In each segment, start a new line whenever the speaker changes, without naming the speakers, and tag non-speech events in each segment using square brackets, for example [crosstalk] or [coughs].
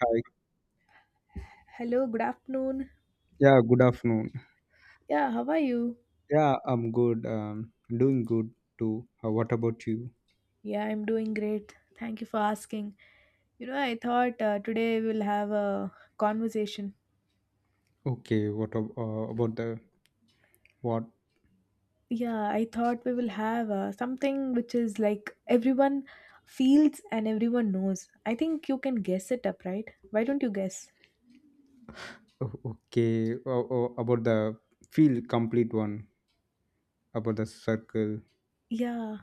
Hi.
Hello, good afternoon.
Yeah, good afternoon.
Yeah, how are you?
Yeah, I'm good. Doing good too. What about you?
Yeah, I'm doing great. Thank you for asking. I thought today we will have a conversation.
Okay, about the what?
Yeah, I thought we will have something which is like everyone feels and everyone knows. I think you can guess it up, right? Why don't you guess?
Oh, Okay, about the field complete one, about the circle.
Yeah,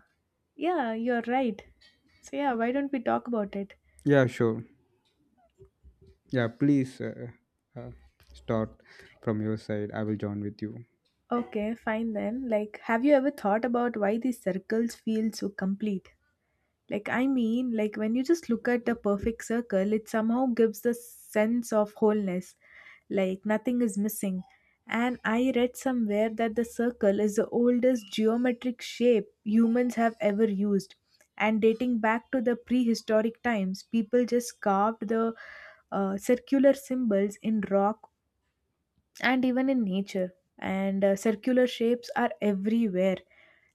yeah, you're right. So, yeah, why don't we talk about it?
Yeah, sure. Yeah, please uh, start from your side. I will join with you.
Okay, fine then. Like, have you ever thought about why these circles feel so complete? Like, I mean, like when you just look at the perfect circle, it somehow gives the sense of wholeness, like nothing is missing. And I read somewhere that the circle is the oldest geometric shape humans have ever used. And dating back to the prehistoric times, people just carved the circular symbols in rock, and even in nature. And circular shapes are everywhere,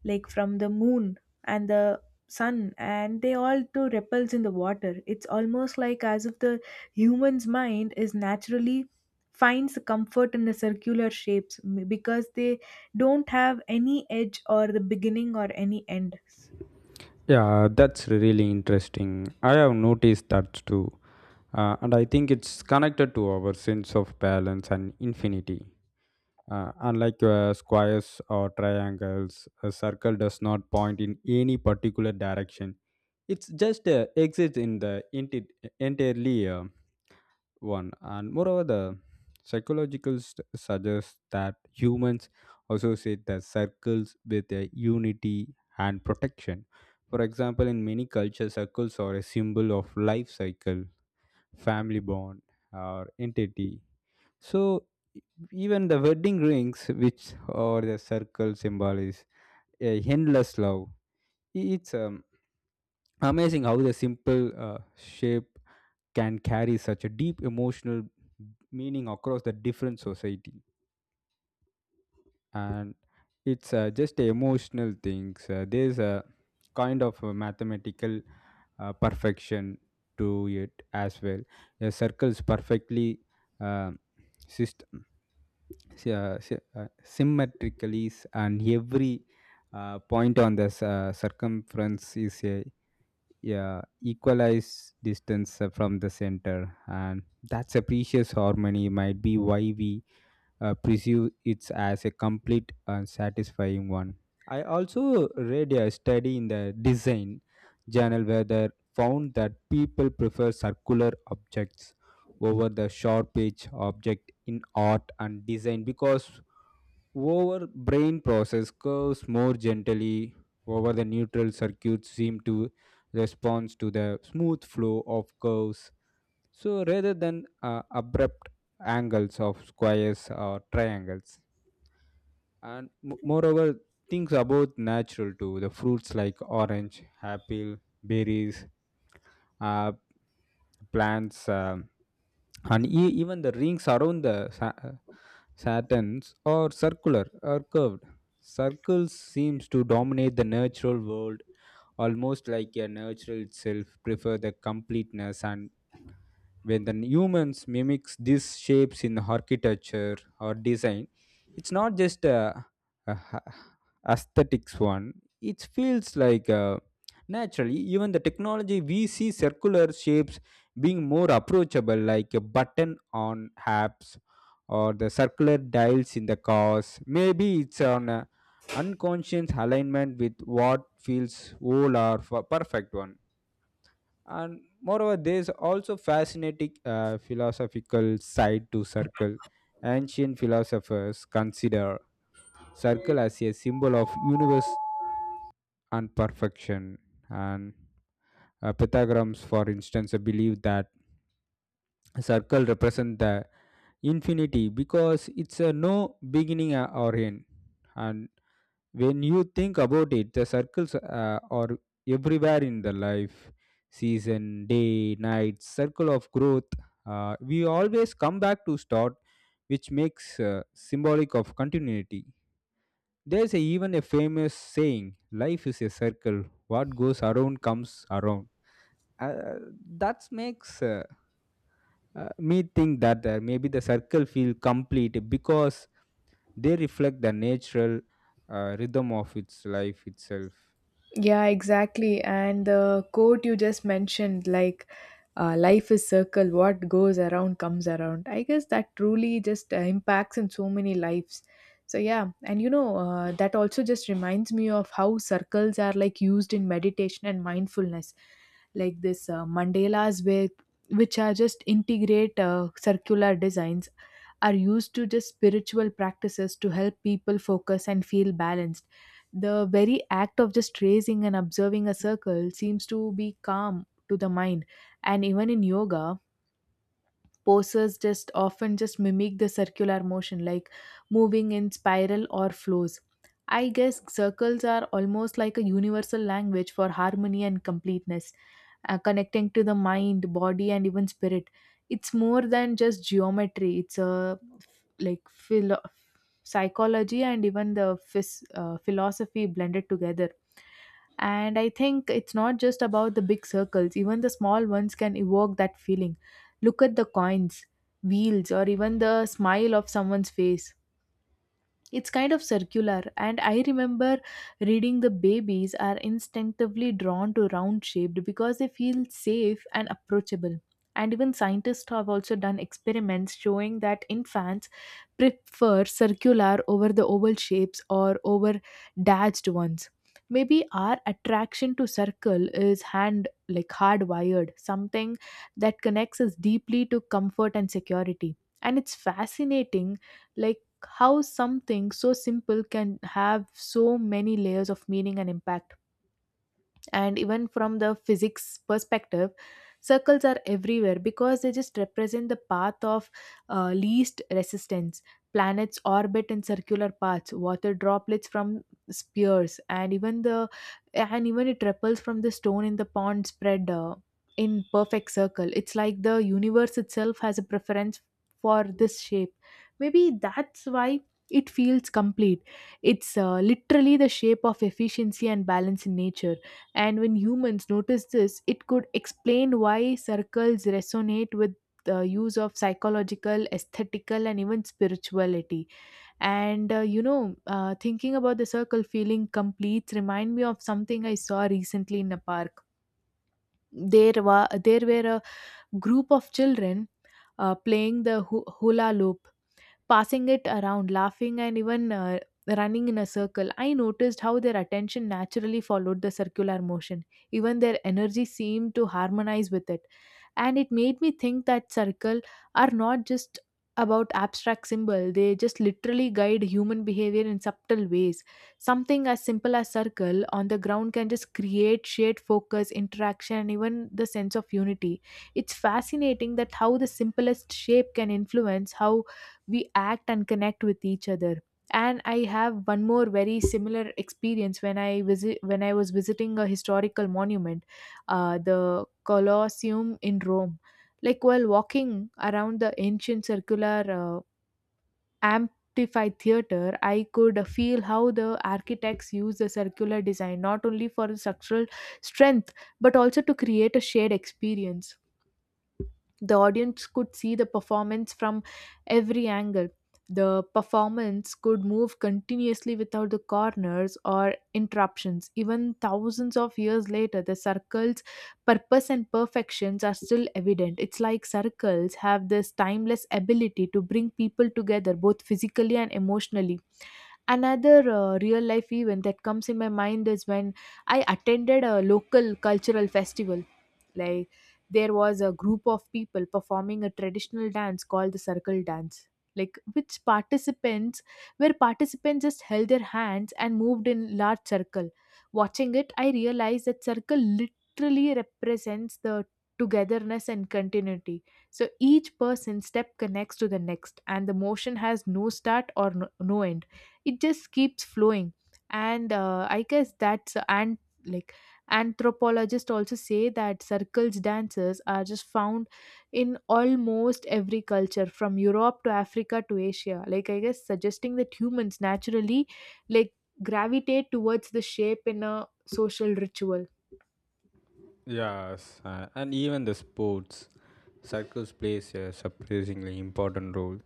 like from the moon and the sun, and they all do ripples in the water. It's almost like as if the human's mind is naturally finds comfort in the circular shapes because they don't have any edge or the beginning or any end.
Yeah, that's really interesting. I have noticed that too. And I think it's connected to our sense of balance and infinity. Unlike squares or triangles, a circle does not point in any particular direction. It's just exists in the entirely one. And moreover, the suggests that humans associate the circles with unity and protection. For example, in many cultures, circles are a symbol of life cycle, family bond, or entity. So even the wedding rings, which or the circle symbol, is a endless love. It's amazing how the simple shape can carry such a deep emotional meaning across the different society. And it's just emotional things. There's a kind of a mathematical perfection to it as well. A circle's perfectly uh, system symmetrically and every point on the circumference is a, yeah, equalized distance from the center, and that's a precious harmony might be why we perceive it as a complete and satisfying one. I also read a study in the design journal where they found that people prefer circular objects over the sharp edge object in art and design because over brain process curves more gently over the neutral circuits seem to respond to the smooth flow of curves, so rather than abrupt angles of squares or triangles, and moreover, things are both natural to the fruits like orange, apple, berries, uh, plants, and even the rings around the Saturns are circular or curved. Circles seems to dominate the natural world almost like a natural itself prefer the completeness, and when the humans mimics these shapes in architecture or design, it's not just a ha- aesthetics one. It feels like naturally even the technology we see circular shapes being more approachable like a button on apps or the circular dials in the cars. Maybe it's on a unconscious alignment with what feels whole or perfect one. And moreover, there is also fascinating philosophical side to circle. Ancient philosophers consider circle as a symbol of universe and perfection, and Pythagoras for instance believed that circle represents the infinity because it's a no beginning or end. And when you think about it, the circles are everywhere in the life, season, day, night, circle of growth. We always come back to start, which makes symbolic of continuity. There's a, even a famous saying, life is a circle, what goes around comes around. Uh, that makes Me think that maybe the circle feel complete because they reflect the natural rhythm of its life itself.
Yeah, exactly. And the quote you just mentioned, like, life is circle, what goes around comes around. I guess that truly just impacts in so many lives. So, yeah, and that also just reminds me of how circles are like used in meditation and mindfulness, like this mandalas, where which are just integrate circular designs, are used to just spiritual practices to help people focus and feel balanced. The very act of just tracing and observing a circle seems to be calm to the mind. And even in yoga, poses just often just mimic the circular motion, like moving in spiral or flows. I guess circles are almost like a universal language for harmony and completeness, connecting to the mind, body, and even spirit. It's more than just geometry. It's a like psychology and even the philosophy blended together. And I think it's not just about the big circles, even the small ones can evoke that feeling. Look at the coins, wheels, or even the smile of someone's face. It's kind of circular. And I remember reading the babies are instinctively drawn to round shaped because they feel safe and approachable. And even scientists have also done experiments showing that infants prefer circular over the oval shapes or over dashed ones. Maybe our attraction to circle is hand, like hardwired, something that connects us deeply to comfort and security. And it's fascinating, like how something so simple can have so many layers of meaning and impact. And even from the physics perspective, circles are everywhere because they just represent the path of least resistance. Planets orbit in circular paths, water droplets from spheres, and even it ripples from the stone in the pond spread in perfect circle. It's like the universe itself has a preference for this shape. Maybe that's why it feels complete. It's literally the shape of efficiency and balance in nature. And when humans notice this, it could explain why circles resonate with the use of psychological, aesthetical, and even spirituality. And thinking about the circle feeling complete remind me of something I saw recently in a park. There were a group of children playing the hula loop, passing it around, laughing, and even running in a circle. I noticed how their attention naturally followed the circular motion. Even their energy seemed to harmonize with it. And it made me think that circle are not just about abstract symbol, they just literally guide human behavior in subtle ways. Something as simple as circle on the ground can just create shared focus, interaction, and even the sense of unity. It's fascinating that how the simplest shape can influence how we act and connect with each other. And I have one more very similar experience when I was visiting a historical monument, the Colosseum in Rome. Like while walking around the ancient circular amplified theater, I could feel how the architects use the circular design not only for structural strength, but also to create a shared experience. The audience could see the performance from every angle. The performance could move continuously without the corners or interruptions. Even thousands of years later, the circle's purpose and perfections are still evident. It's like circles have this timeless ability to bring people together, both physically and emotionally. Another real life event that comes in my mind is when I attended a local cultural festival. Like there was a group of people performing a traditional dance called the circle dance. Like which participants where participants just held their hands and moved in large circle. Watching it, I realized that circle literally represents the togetherness and continuity. So each person's step connects to the next, and the motion has no start or no end. It just keeps flowing. And I guess that's, and like anthropologists also say that circles dances are just found in almost every culture, from Europe to Africa to Asia, like I guess suggesting that humans naturally, like, gravitate towards the shape in a social ritual.
Yes, and even the sports, circles plays a surprisingly important role.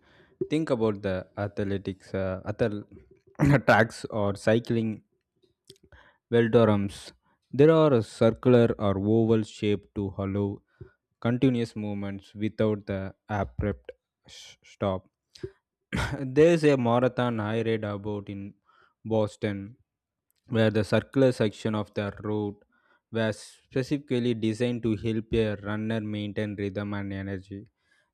Think about the athletics, uh, athl- [coughs] [clears throat] tracks or cycling velodromes. There are a circular or oval shape to hollow continuous movements without the abrupt stop. [coughs] There's a marathon I read about in Boston where the circular section of the road was specifically designed to help a runner maintain rhythm and energy.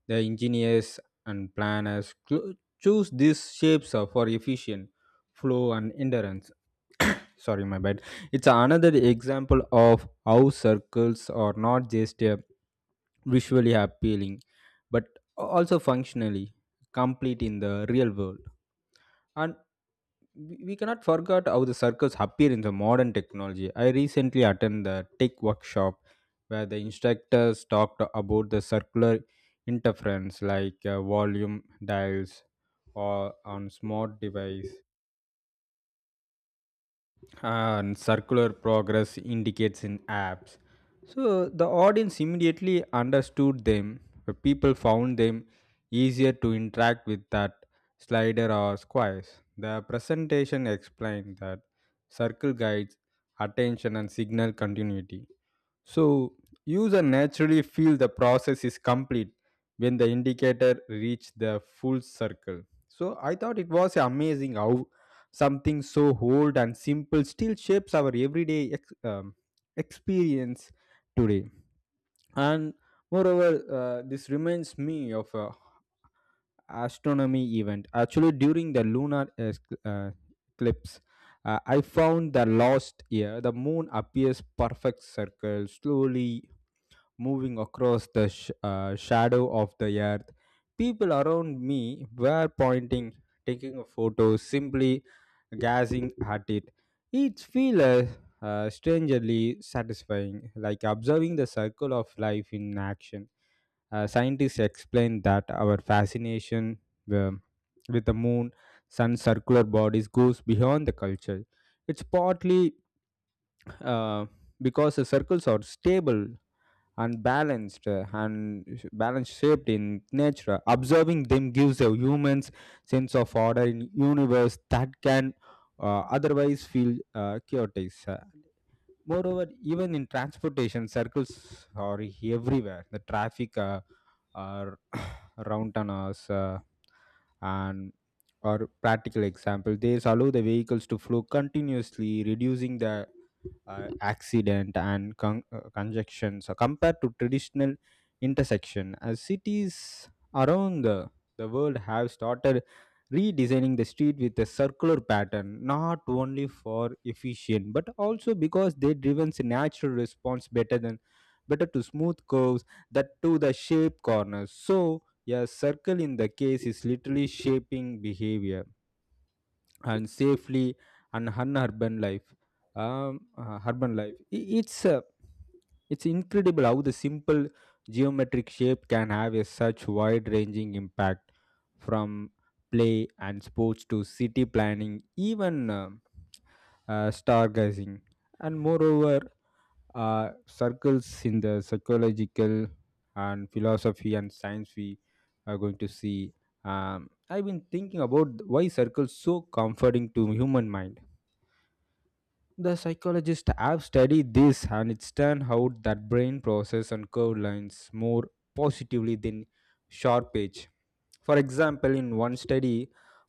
The engineers and planners choose these shapes for efficient flow and endurance. Sorry, my bad. It's another example of how circles are not just visually appealing but also functionally complete in the real world. And we cannot forget how the circles appear in the modern technology. I recently attended the tech workshop where the instructors talked about the circular interference like volume dials or on smart device and circular progress indicates in apps. So the audience immediately understood them. The people found them easier to interact with that slider or squares. The presentation explained that circle guides attention and signal continuity. So user naturally feel the process is complete when the indicator reach the full circle. So I thought it was amazing how something so old and simple still shapes our everyday experience today. And moreover, this reminds me of a astronomy event. Actually, during the uh, eclipse, I found that last year the moon appears perfect circle slowly moving across the shadow of the earth. People around me were pointing, taking a photo, simply gazing at it. It feels strangely satisfying, like observing the circle of life in action. Scientists explain that our fascination um, with the moon, sun's circular bodies goes beyond the culture. It's partly uh, because the circles are stable and balanced balanced shaped in nature. Observing them gives a human's sense of order in universe that can otherwise feel chaotic. Moreover, even in transportation, circles are everywhere. The traffic are [coughs] [clears throat] around on us and or practical example, they allow the vehicles to flow continuously, reducing the conjunctions compared to traditional intersection. As cities around the world have started redesigning the street with a circular pattern, not only for efficient but also because they driven natural response better than better to smooth curves that to the shape corners. So a circle in the case is literally shaping behavior and safely and unurban life urban life. It's it's incredible how the simple geometric shape can have a such wide ranging impact from play and sports to city planning, even stargazing. And moreover, circles in the psychological and philosophy and science, we are going to see. I've been thinking about why circles so comforting to human mind. The psychologists have studied this and it's turned out that brain process and curved lines more positively than sharp edge. For example, in one study,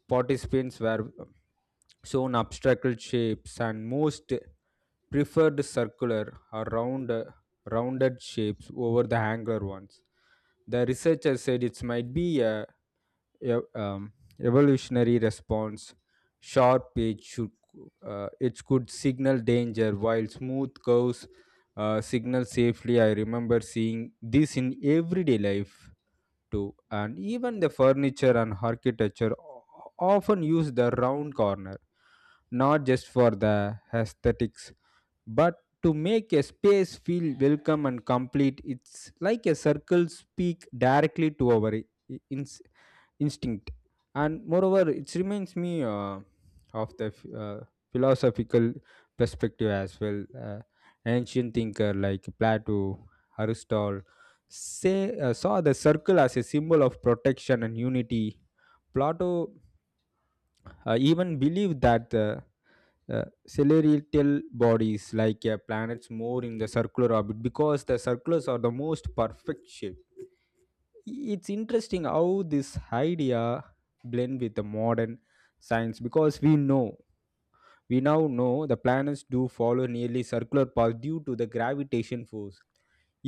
participants were shown obstacle shapes and most preferred circular or rounded shapes over the angular ones. The researchers said it might be a, um, evolutionary response. Sharp edge should it could signal danger, while smooth curves signal safely. I remember seeing this in everyday life too, and even the furniture and architecture often use the round corner, not just for the aesthetics but to make a space feel welcome and complete. It's like a circle speak directly to our i- ins- instinct. And moreover, it reminds me of the f- uh, philosophical perspective as well. Ancient thinker like Plato, Aristotle say saw the circle as a symbol of protection and unity. Plato even believed that the celestial bodies like planets more in the circular orbit because the circulars are the most perfect shape. It's interesting how this idea blend with the modern science because we now know the planets do follow nearly circular path due to the gravitation force.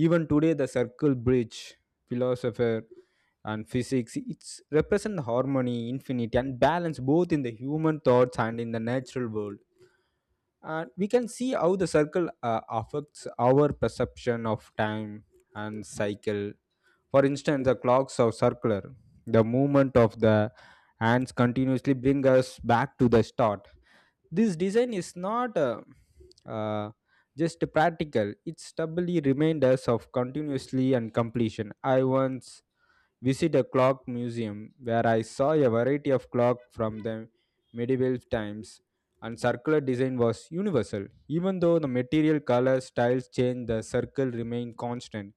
Even today, the circle bridge philosopher and physics, it's represent harmony, infinity and balance both in the human thoughts and in the natural world. And we can see how the circle affects our perception of time and cycle. For instance, the clocks are circular. The movement of the hands continuously bring us back to the start. This design is not uh, just practical, it doubly reminders of continuously and completion. I once visit a clock museum where I saw a variety of clock from the medieval times, and circular design was universal. Even though the material color styles change, the circle remain constant.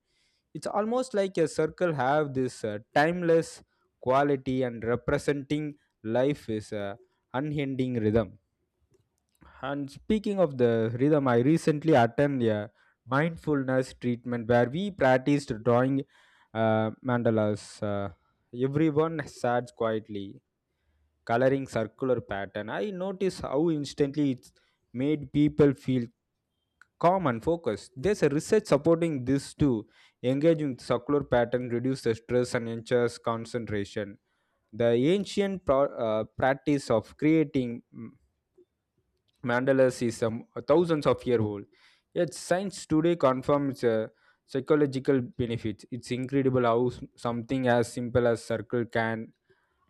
It's almost like a circle have this timeless quality and representing life is a unending rhythm. And speaking of the rhythm, I recently attended a mindfulness treatment where we practiced drawing mandalas. Everyone sat quietly, coloring circular pattern. I noticed how instantly it made people feel calm and focused. There's a research supporting this too. Engaging circular pattern reduces stress and ensures concentration. The practice of creating Mandela's is thousands of year old. Yet science today confirms psychological benefits. It's incredible how something as simple as circle can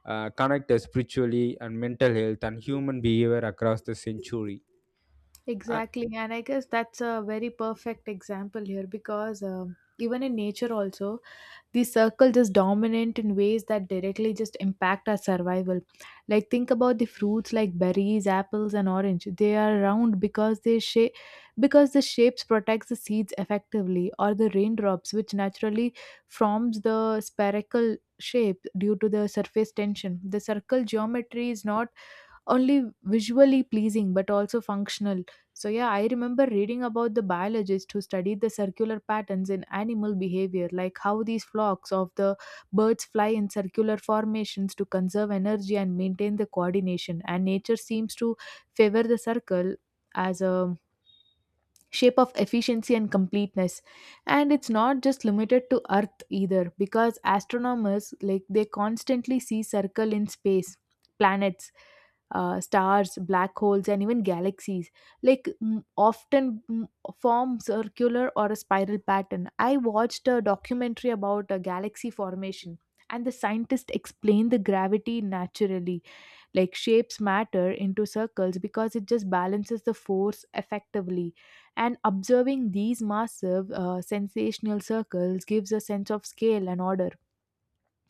connect us spiritually and mental health and human behavior across the century. And,
Exactly, and I guess that's a very perfect example here, because even in nature also the circle just dominant in ways that directly just impact our survival. Like think about the fruits like berries, apples, and orange. They are round because the shapes protects the seeds effectively. Or the raindrops, which naturally forms the spherical shape due to the surface tension. The circle geometry is not only visually pleasing, but also functional. So, yeah, I remember reading about the biologist who studied the circular patterns in animal behavior, like how these flocks of the birds fly in circular formations to conserve energy and maintain the coordination. And nature seems to favor the circle as a shape of efficiency and completeness. And it's not just limited to earth either, because astronomers, like, they constantly see circle in space. Planets, stars, black holes, and even galaxies, like, often form circular or a spiral pattern. I watched a documentary about a galaxy formation, and the scientist explained the gravity naturally, like, shapes matter into circles because it just balances the force effectively. And observing these massive sensational circles gives a sense of scale and order.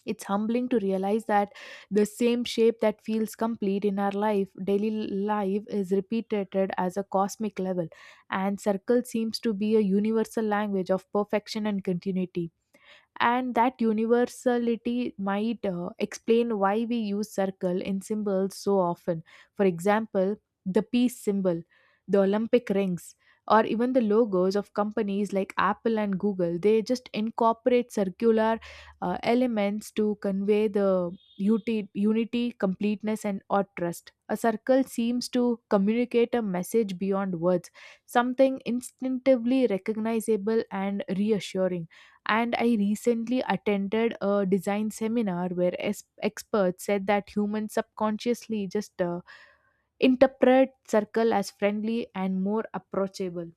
It's humbling to realize that the same shape that feels complete in our life daily life is repeated as a cosmic level. And circle seems to be a universal language of perfection and continuity. And that universality might explain why we use circle in symbols so often. For example, the peace symbol, the Olympic rings, or even the logos of companies like Apple and Google, they just incorporate circular elements to convey the unity, completeness, and or trust. A circle seems to communicate a message beyond words, something instinctively recognizable and reassuring. And I recently attended a design seminar where experts said that humans subconsciously just interpret circle as friendly and more approachable.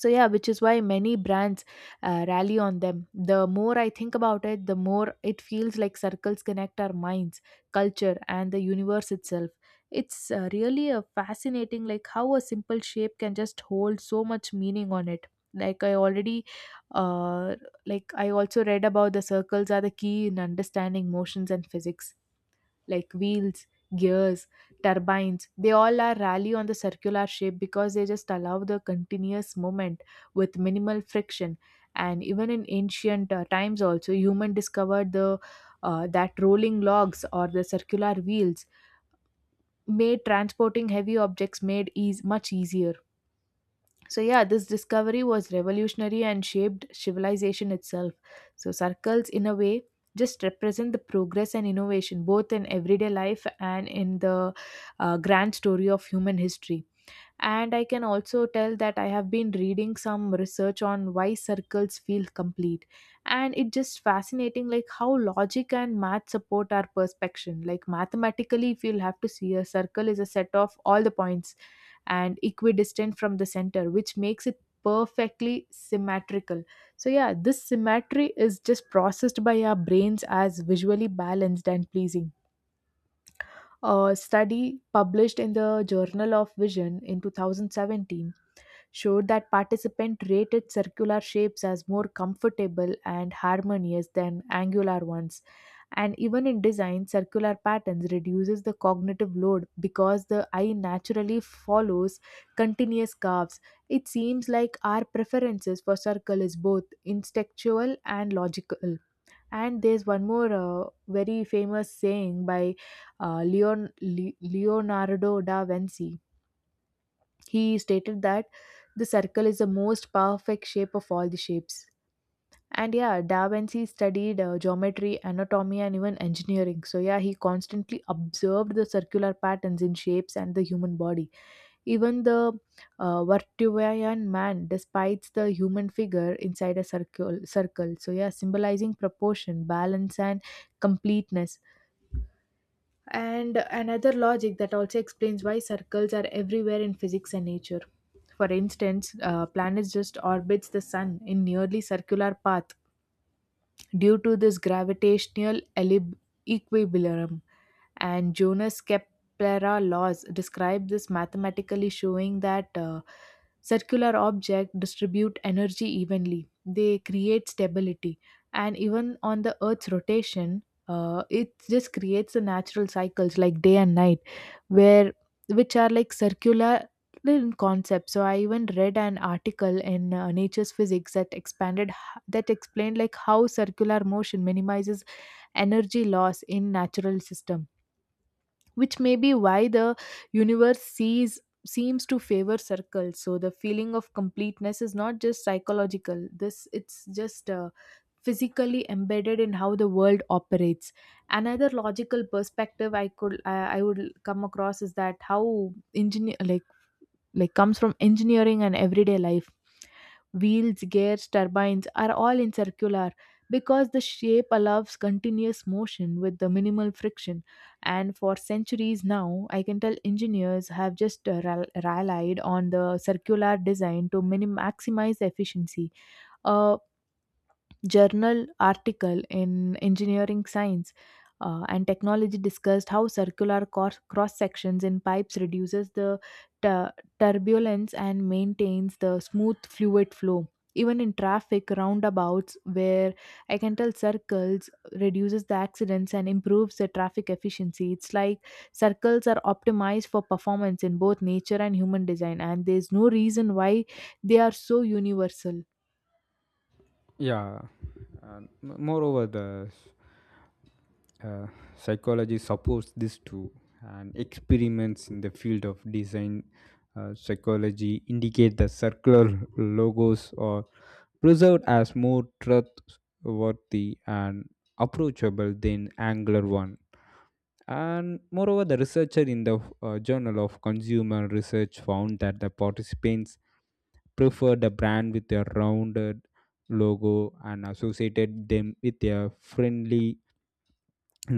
So, yeah, which is why many brands rally on them. The more I think about it, the more it feels like circles connect our minds, culture, and the universe itself. It's really a fascinating, like how a simple shape can just hold so much meaning on it. Like I already uh, like I also read about the circles are the key in understanding motions and physics, like wheels, gears, turbines. They all are rally on the circular shape because they just allow the continuous movement with minimal friction. And even in ancient times, also human discovered the that rolling logs or the circular wheels made transporting heavy objects made eas much easier. So, yeah, this discovery was revolutionary and shaped civilization itself. So, circles, in a way, just represent the progress and innovation, both in everyday life and in the grand story of human history. And I can also tell that I have been reading some research on why circles feel complete. And it's just fascinating, like how logic and math support our perception. Like mathematically, if you'll have to see a circle is a set of all the points and equidistant from the center, which makes it perfectly symmetrical. So, yeah, this symmetry is just processed by our brains as visually balanced and pleasing. A study published in the Journal of Vision in 2017 showed that participants rated circular shapes as more comfortable and harmonious than angular ones. And even in design, circular patterns reduces the cognitive load because the eye naturally follows continuous curves. It seems like our preferences for circle is both instinctual and logical. And there's one more very famous saying by Leonardo da Vinci. He stated that the circle is the most perfect shape of all the shapes. And yeah, Da Vinci studied geometry, anatomy, and even engineering. So yeah, he constantly observed the circular patterns in shapes and the human body. Even the Vartuveyan man despises the human figure inside a circle. Circle, so yeah, symbolizing proportion, balance, and completeness. And another logic that also explains why circles are everywhere in physics and nature. For instance, planets just orbits the sun in nearly circular path due to this gravitational equilibrium. And Jonas Kepler laws describe this mathematically, showing that circular objects distribute energy evenly. They create stability, and even on the Earth's rotation, it just creates the natural cycles like day and night, where which are like circular in concept. So I even read an article in Nature's Physics that that explained, like, how circular motion minimizes energy loss in natural system, which may be why the universe sees seems to favor circles. So the feeling of completeness is not just psychological, this it's just physically embedded in how the world operates. Another logical perspective I would come across is that how engineer, like comes from engineering and everyday life. Wheels, gears, turbines are all in circular because the shape allows continuous motion with the minimal friction. And for centuries now, I can tell engineers have just relied on the circular design to maximize efficiency. uh, Journal article in engineering science and technology discussed how circular cross sections in pipes reduces the tu- turbulence and maintains the smooth fluid flow. Even in traffic roundabouts, where I can tell circles reduces the accidents and improves the traffic efficiency. It's like circles are optimized for performance in both nature and human design, and there's no reason why they are so universal.
yeah. And moreover, the Uh, psychology supports this too, and experiments in the field of design psychology indicate that circular logos are preserved as more trustworthy and approachable than angular one. And moreover, the researcher in the Journal of Consumer Research found that the participants preferred a brand with a rounded logo and associated them with a friendly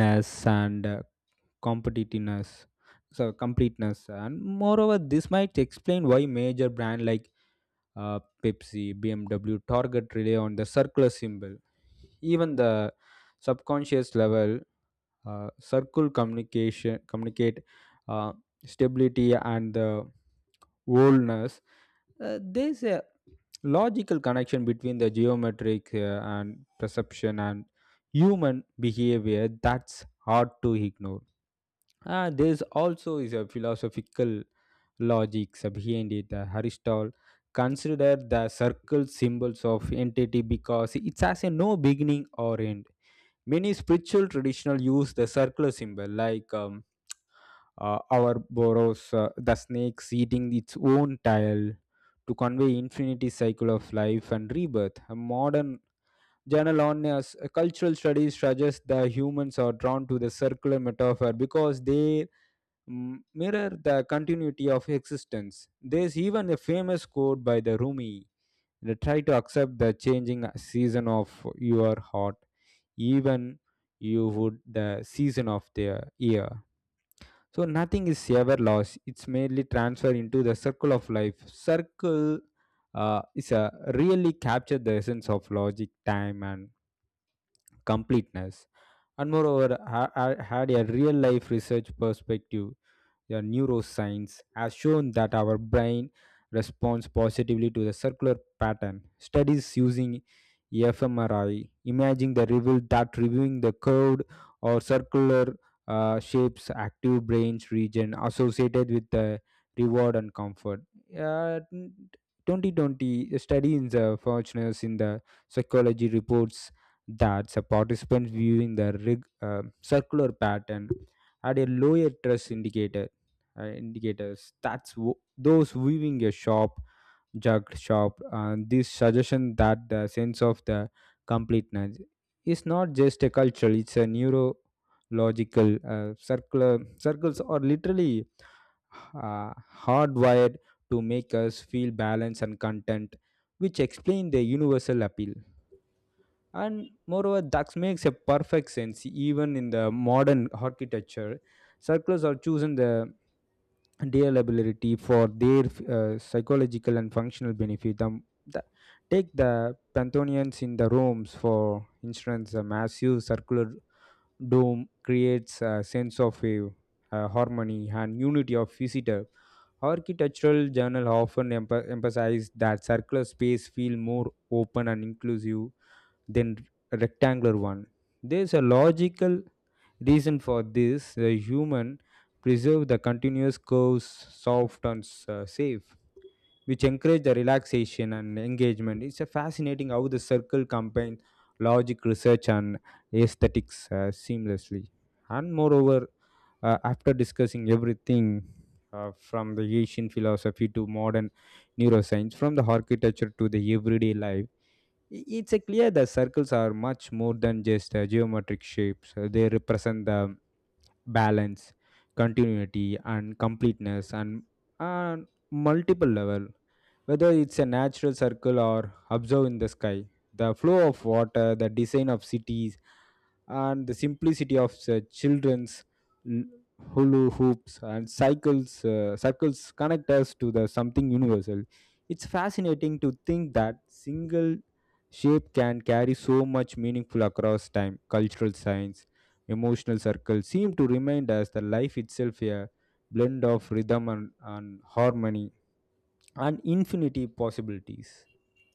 ness and competitiveness, so completeness. And moreover, this might explain why major brand like Pepsi, BMW, Target rely on the circular symbol. Even the subconscious level, circle communication communicate uh, stability and the wholeness. There's a logical connection between the geometric and perception and human behavior that's hard to ignore. There's also is a philosophical logics behind it. Aristotle considered the circle symbols of entity because it has a no beginning or end. Many spiritual traditional use the circular symbol like our boros, the snake eating its own tail, to convey infinity cycle of life and rebirth. A modern journal on cultural studies suggests that humans are drawn to the circular metaphor because they mirror the continuity of existence. There's even a famous quote by the Rumi, try to accept the changing season of your heart, even you would the season of the year. So nothing is ever lost. It's merely transferred into the circle of life. Circle is a really capture the essence of logic, time, and completeness. And moreover, had a real life research perspective, the neuroscience has shown that our brain responds positively to the circular pattern. Studies using fMRI imaging the reveal that reviewing the curved or circular shapes active brain's region associated with the reward and comfort. uh, 2020, a study in the fortuners in the psychology reports that the participants viewing the circular pattern had a lower trust indicator indicators. That's those viewing a jugged shop. This suggestion that the sense of the completeness is not just a cultural; it's a neurological circular circles are literally uh, hardwired to make us feel balanced and content, which explain the universal appeal. And moreover, that makes a perfect sense even in the modern architecture. Circles are chosen the reliability for their psychological and functional benefit. Take the panthonians in the rooms for instance. A massive circular dome creates a sense of harmony and unity of visitor. Architectural journal often emphasize that circular space feel more open and inclusive than rectangular one. There's a logical reason for this. The human preserve the continuous curves soft and safe, which encourage the relaxation and engagement. It's a fascinating how the circle combines logic, research, and aesthetics seamlessly. And moreover, after discussing everything from the Asian philosophy to modern neuroscience, from the architecture to the everyday life, it's a clear that circles are much more than just geometric shapes. They represent the balance, continuity, and completeness, and on multiple level. Whether it's a natural circle or observed in the sky, the flow of water, the design of cities, and the simplicity of children's l- hula hoops and cycles, cycles connect us to the something universal. It's fascinating to think that single shape can carry so much meaningful across time, cultural signs, emotional. Circles seem to remind us that life itself a blend of rhythm and harmony and infinity possibilities.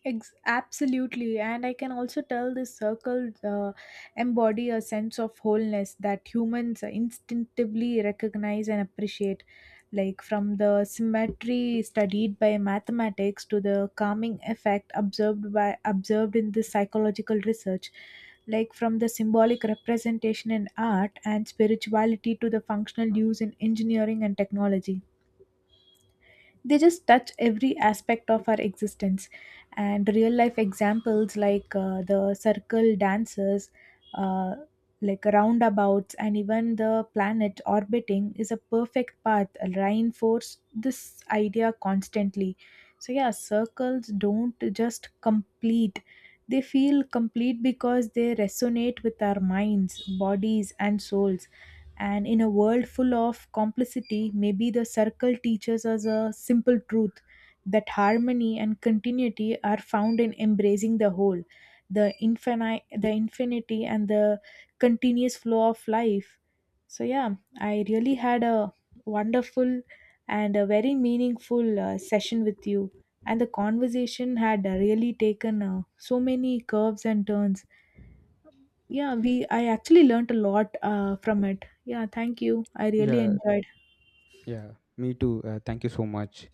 Absolutely. And I can also tell this circle embody a sense of wholeness that humans instinctively recognize and appreciate, like from the symmetry studied by mathematics to the calming effect observed in the psychological research, like from the symbolic representation in art and spirituality to the functional use in engineering and technology. They just touch every aspect of our existence. And real life examples like, the circle dances, uh, like roundabouts, and even the planet orbiting is a perfect path reinforce this idea constantly. So yeah, circles don't just complete, they feel complete because they resonate with our minds, bodies, and souls. And in a world full of complicity, maybe the circle teaches us a simple truth, that harmony and continuity are found in embracing the whole, the infinite, the infinity, and the continuous flow of life. So yeah, I really had a wonderful and a very meaningful session with you, and the conversation had really taken so many curves and turns. Yeah, we I actually learned a lot from it. Yeah, thank you. I really
Yeah,
enjoyed.
yeah. Me too. Thank you so much.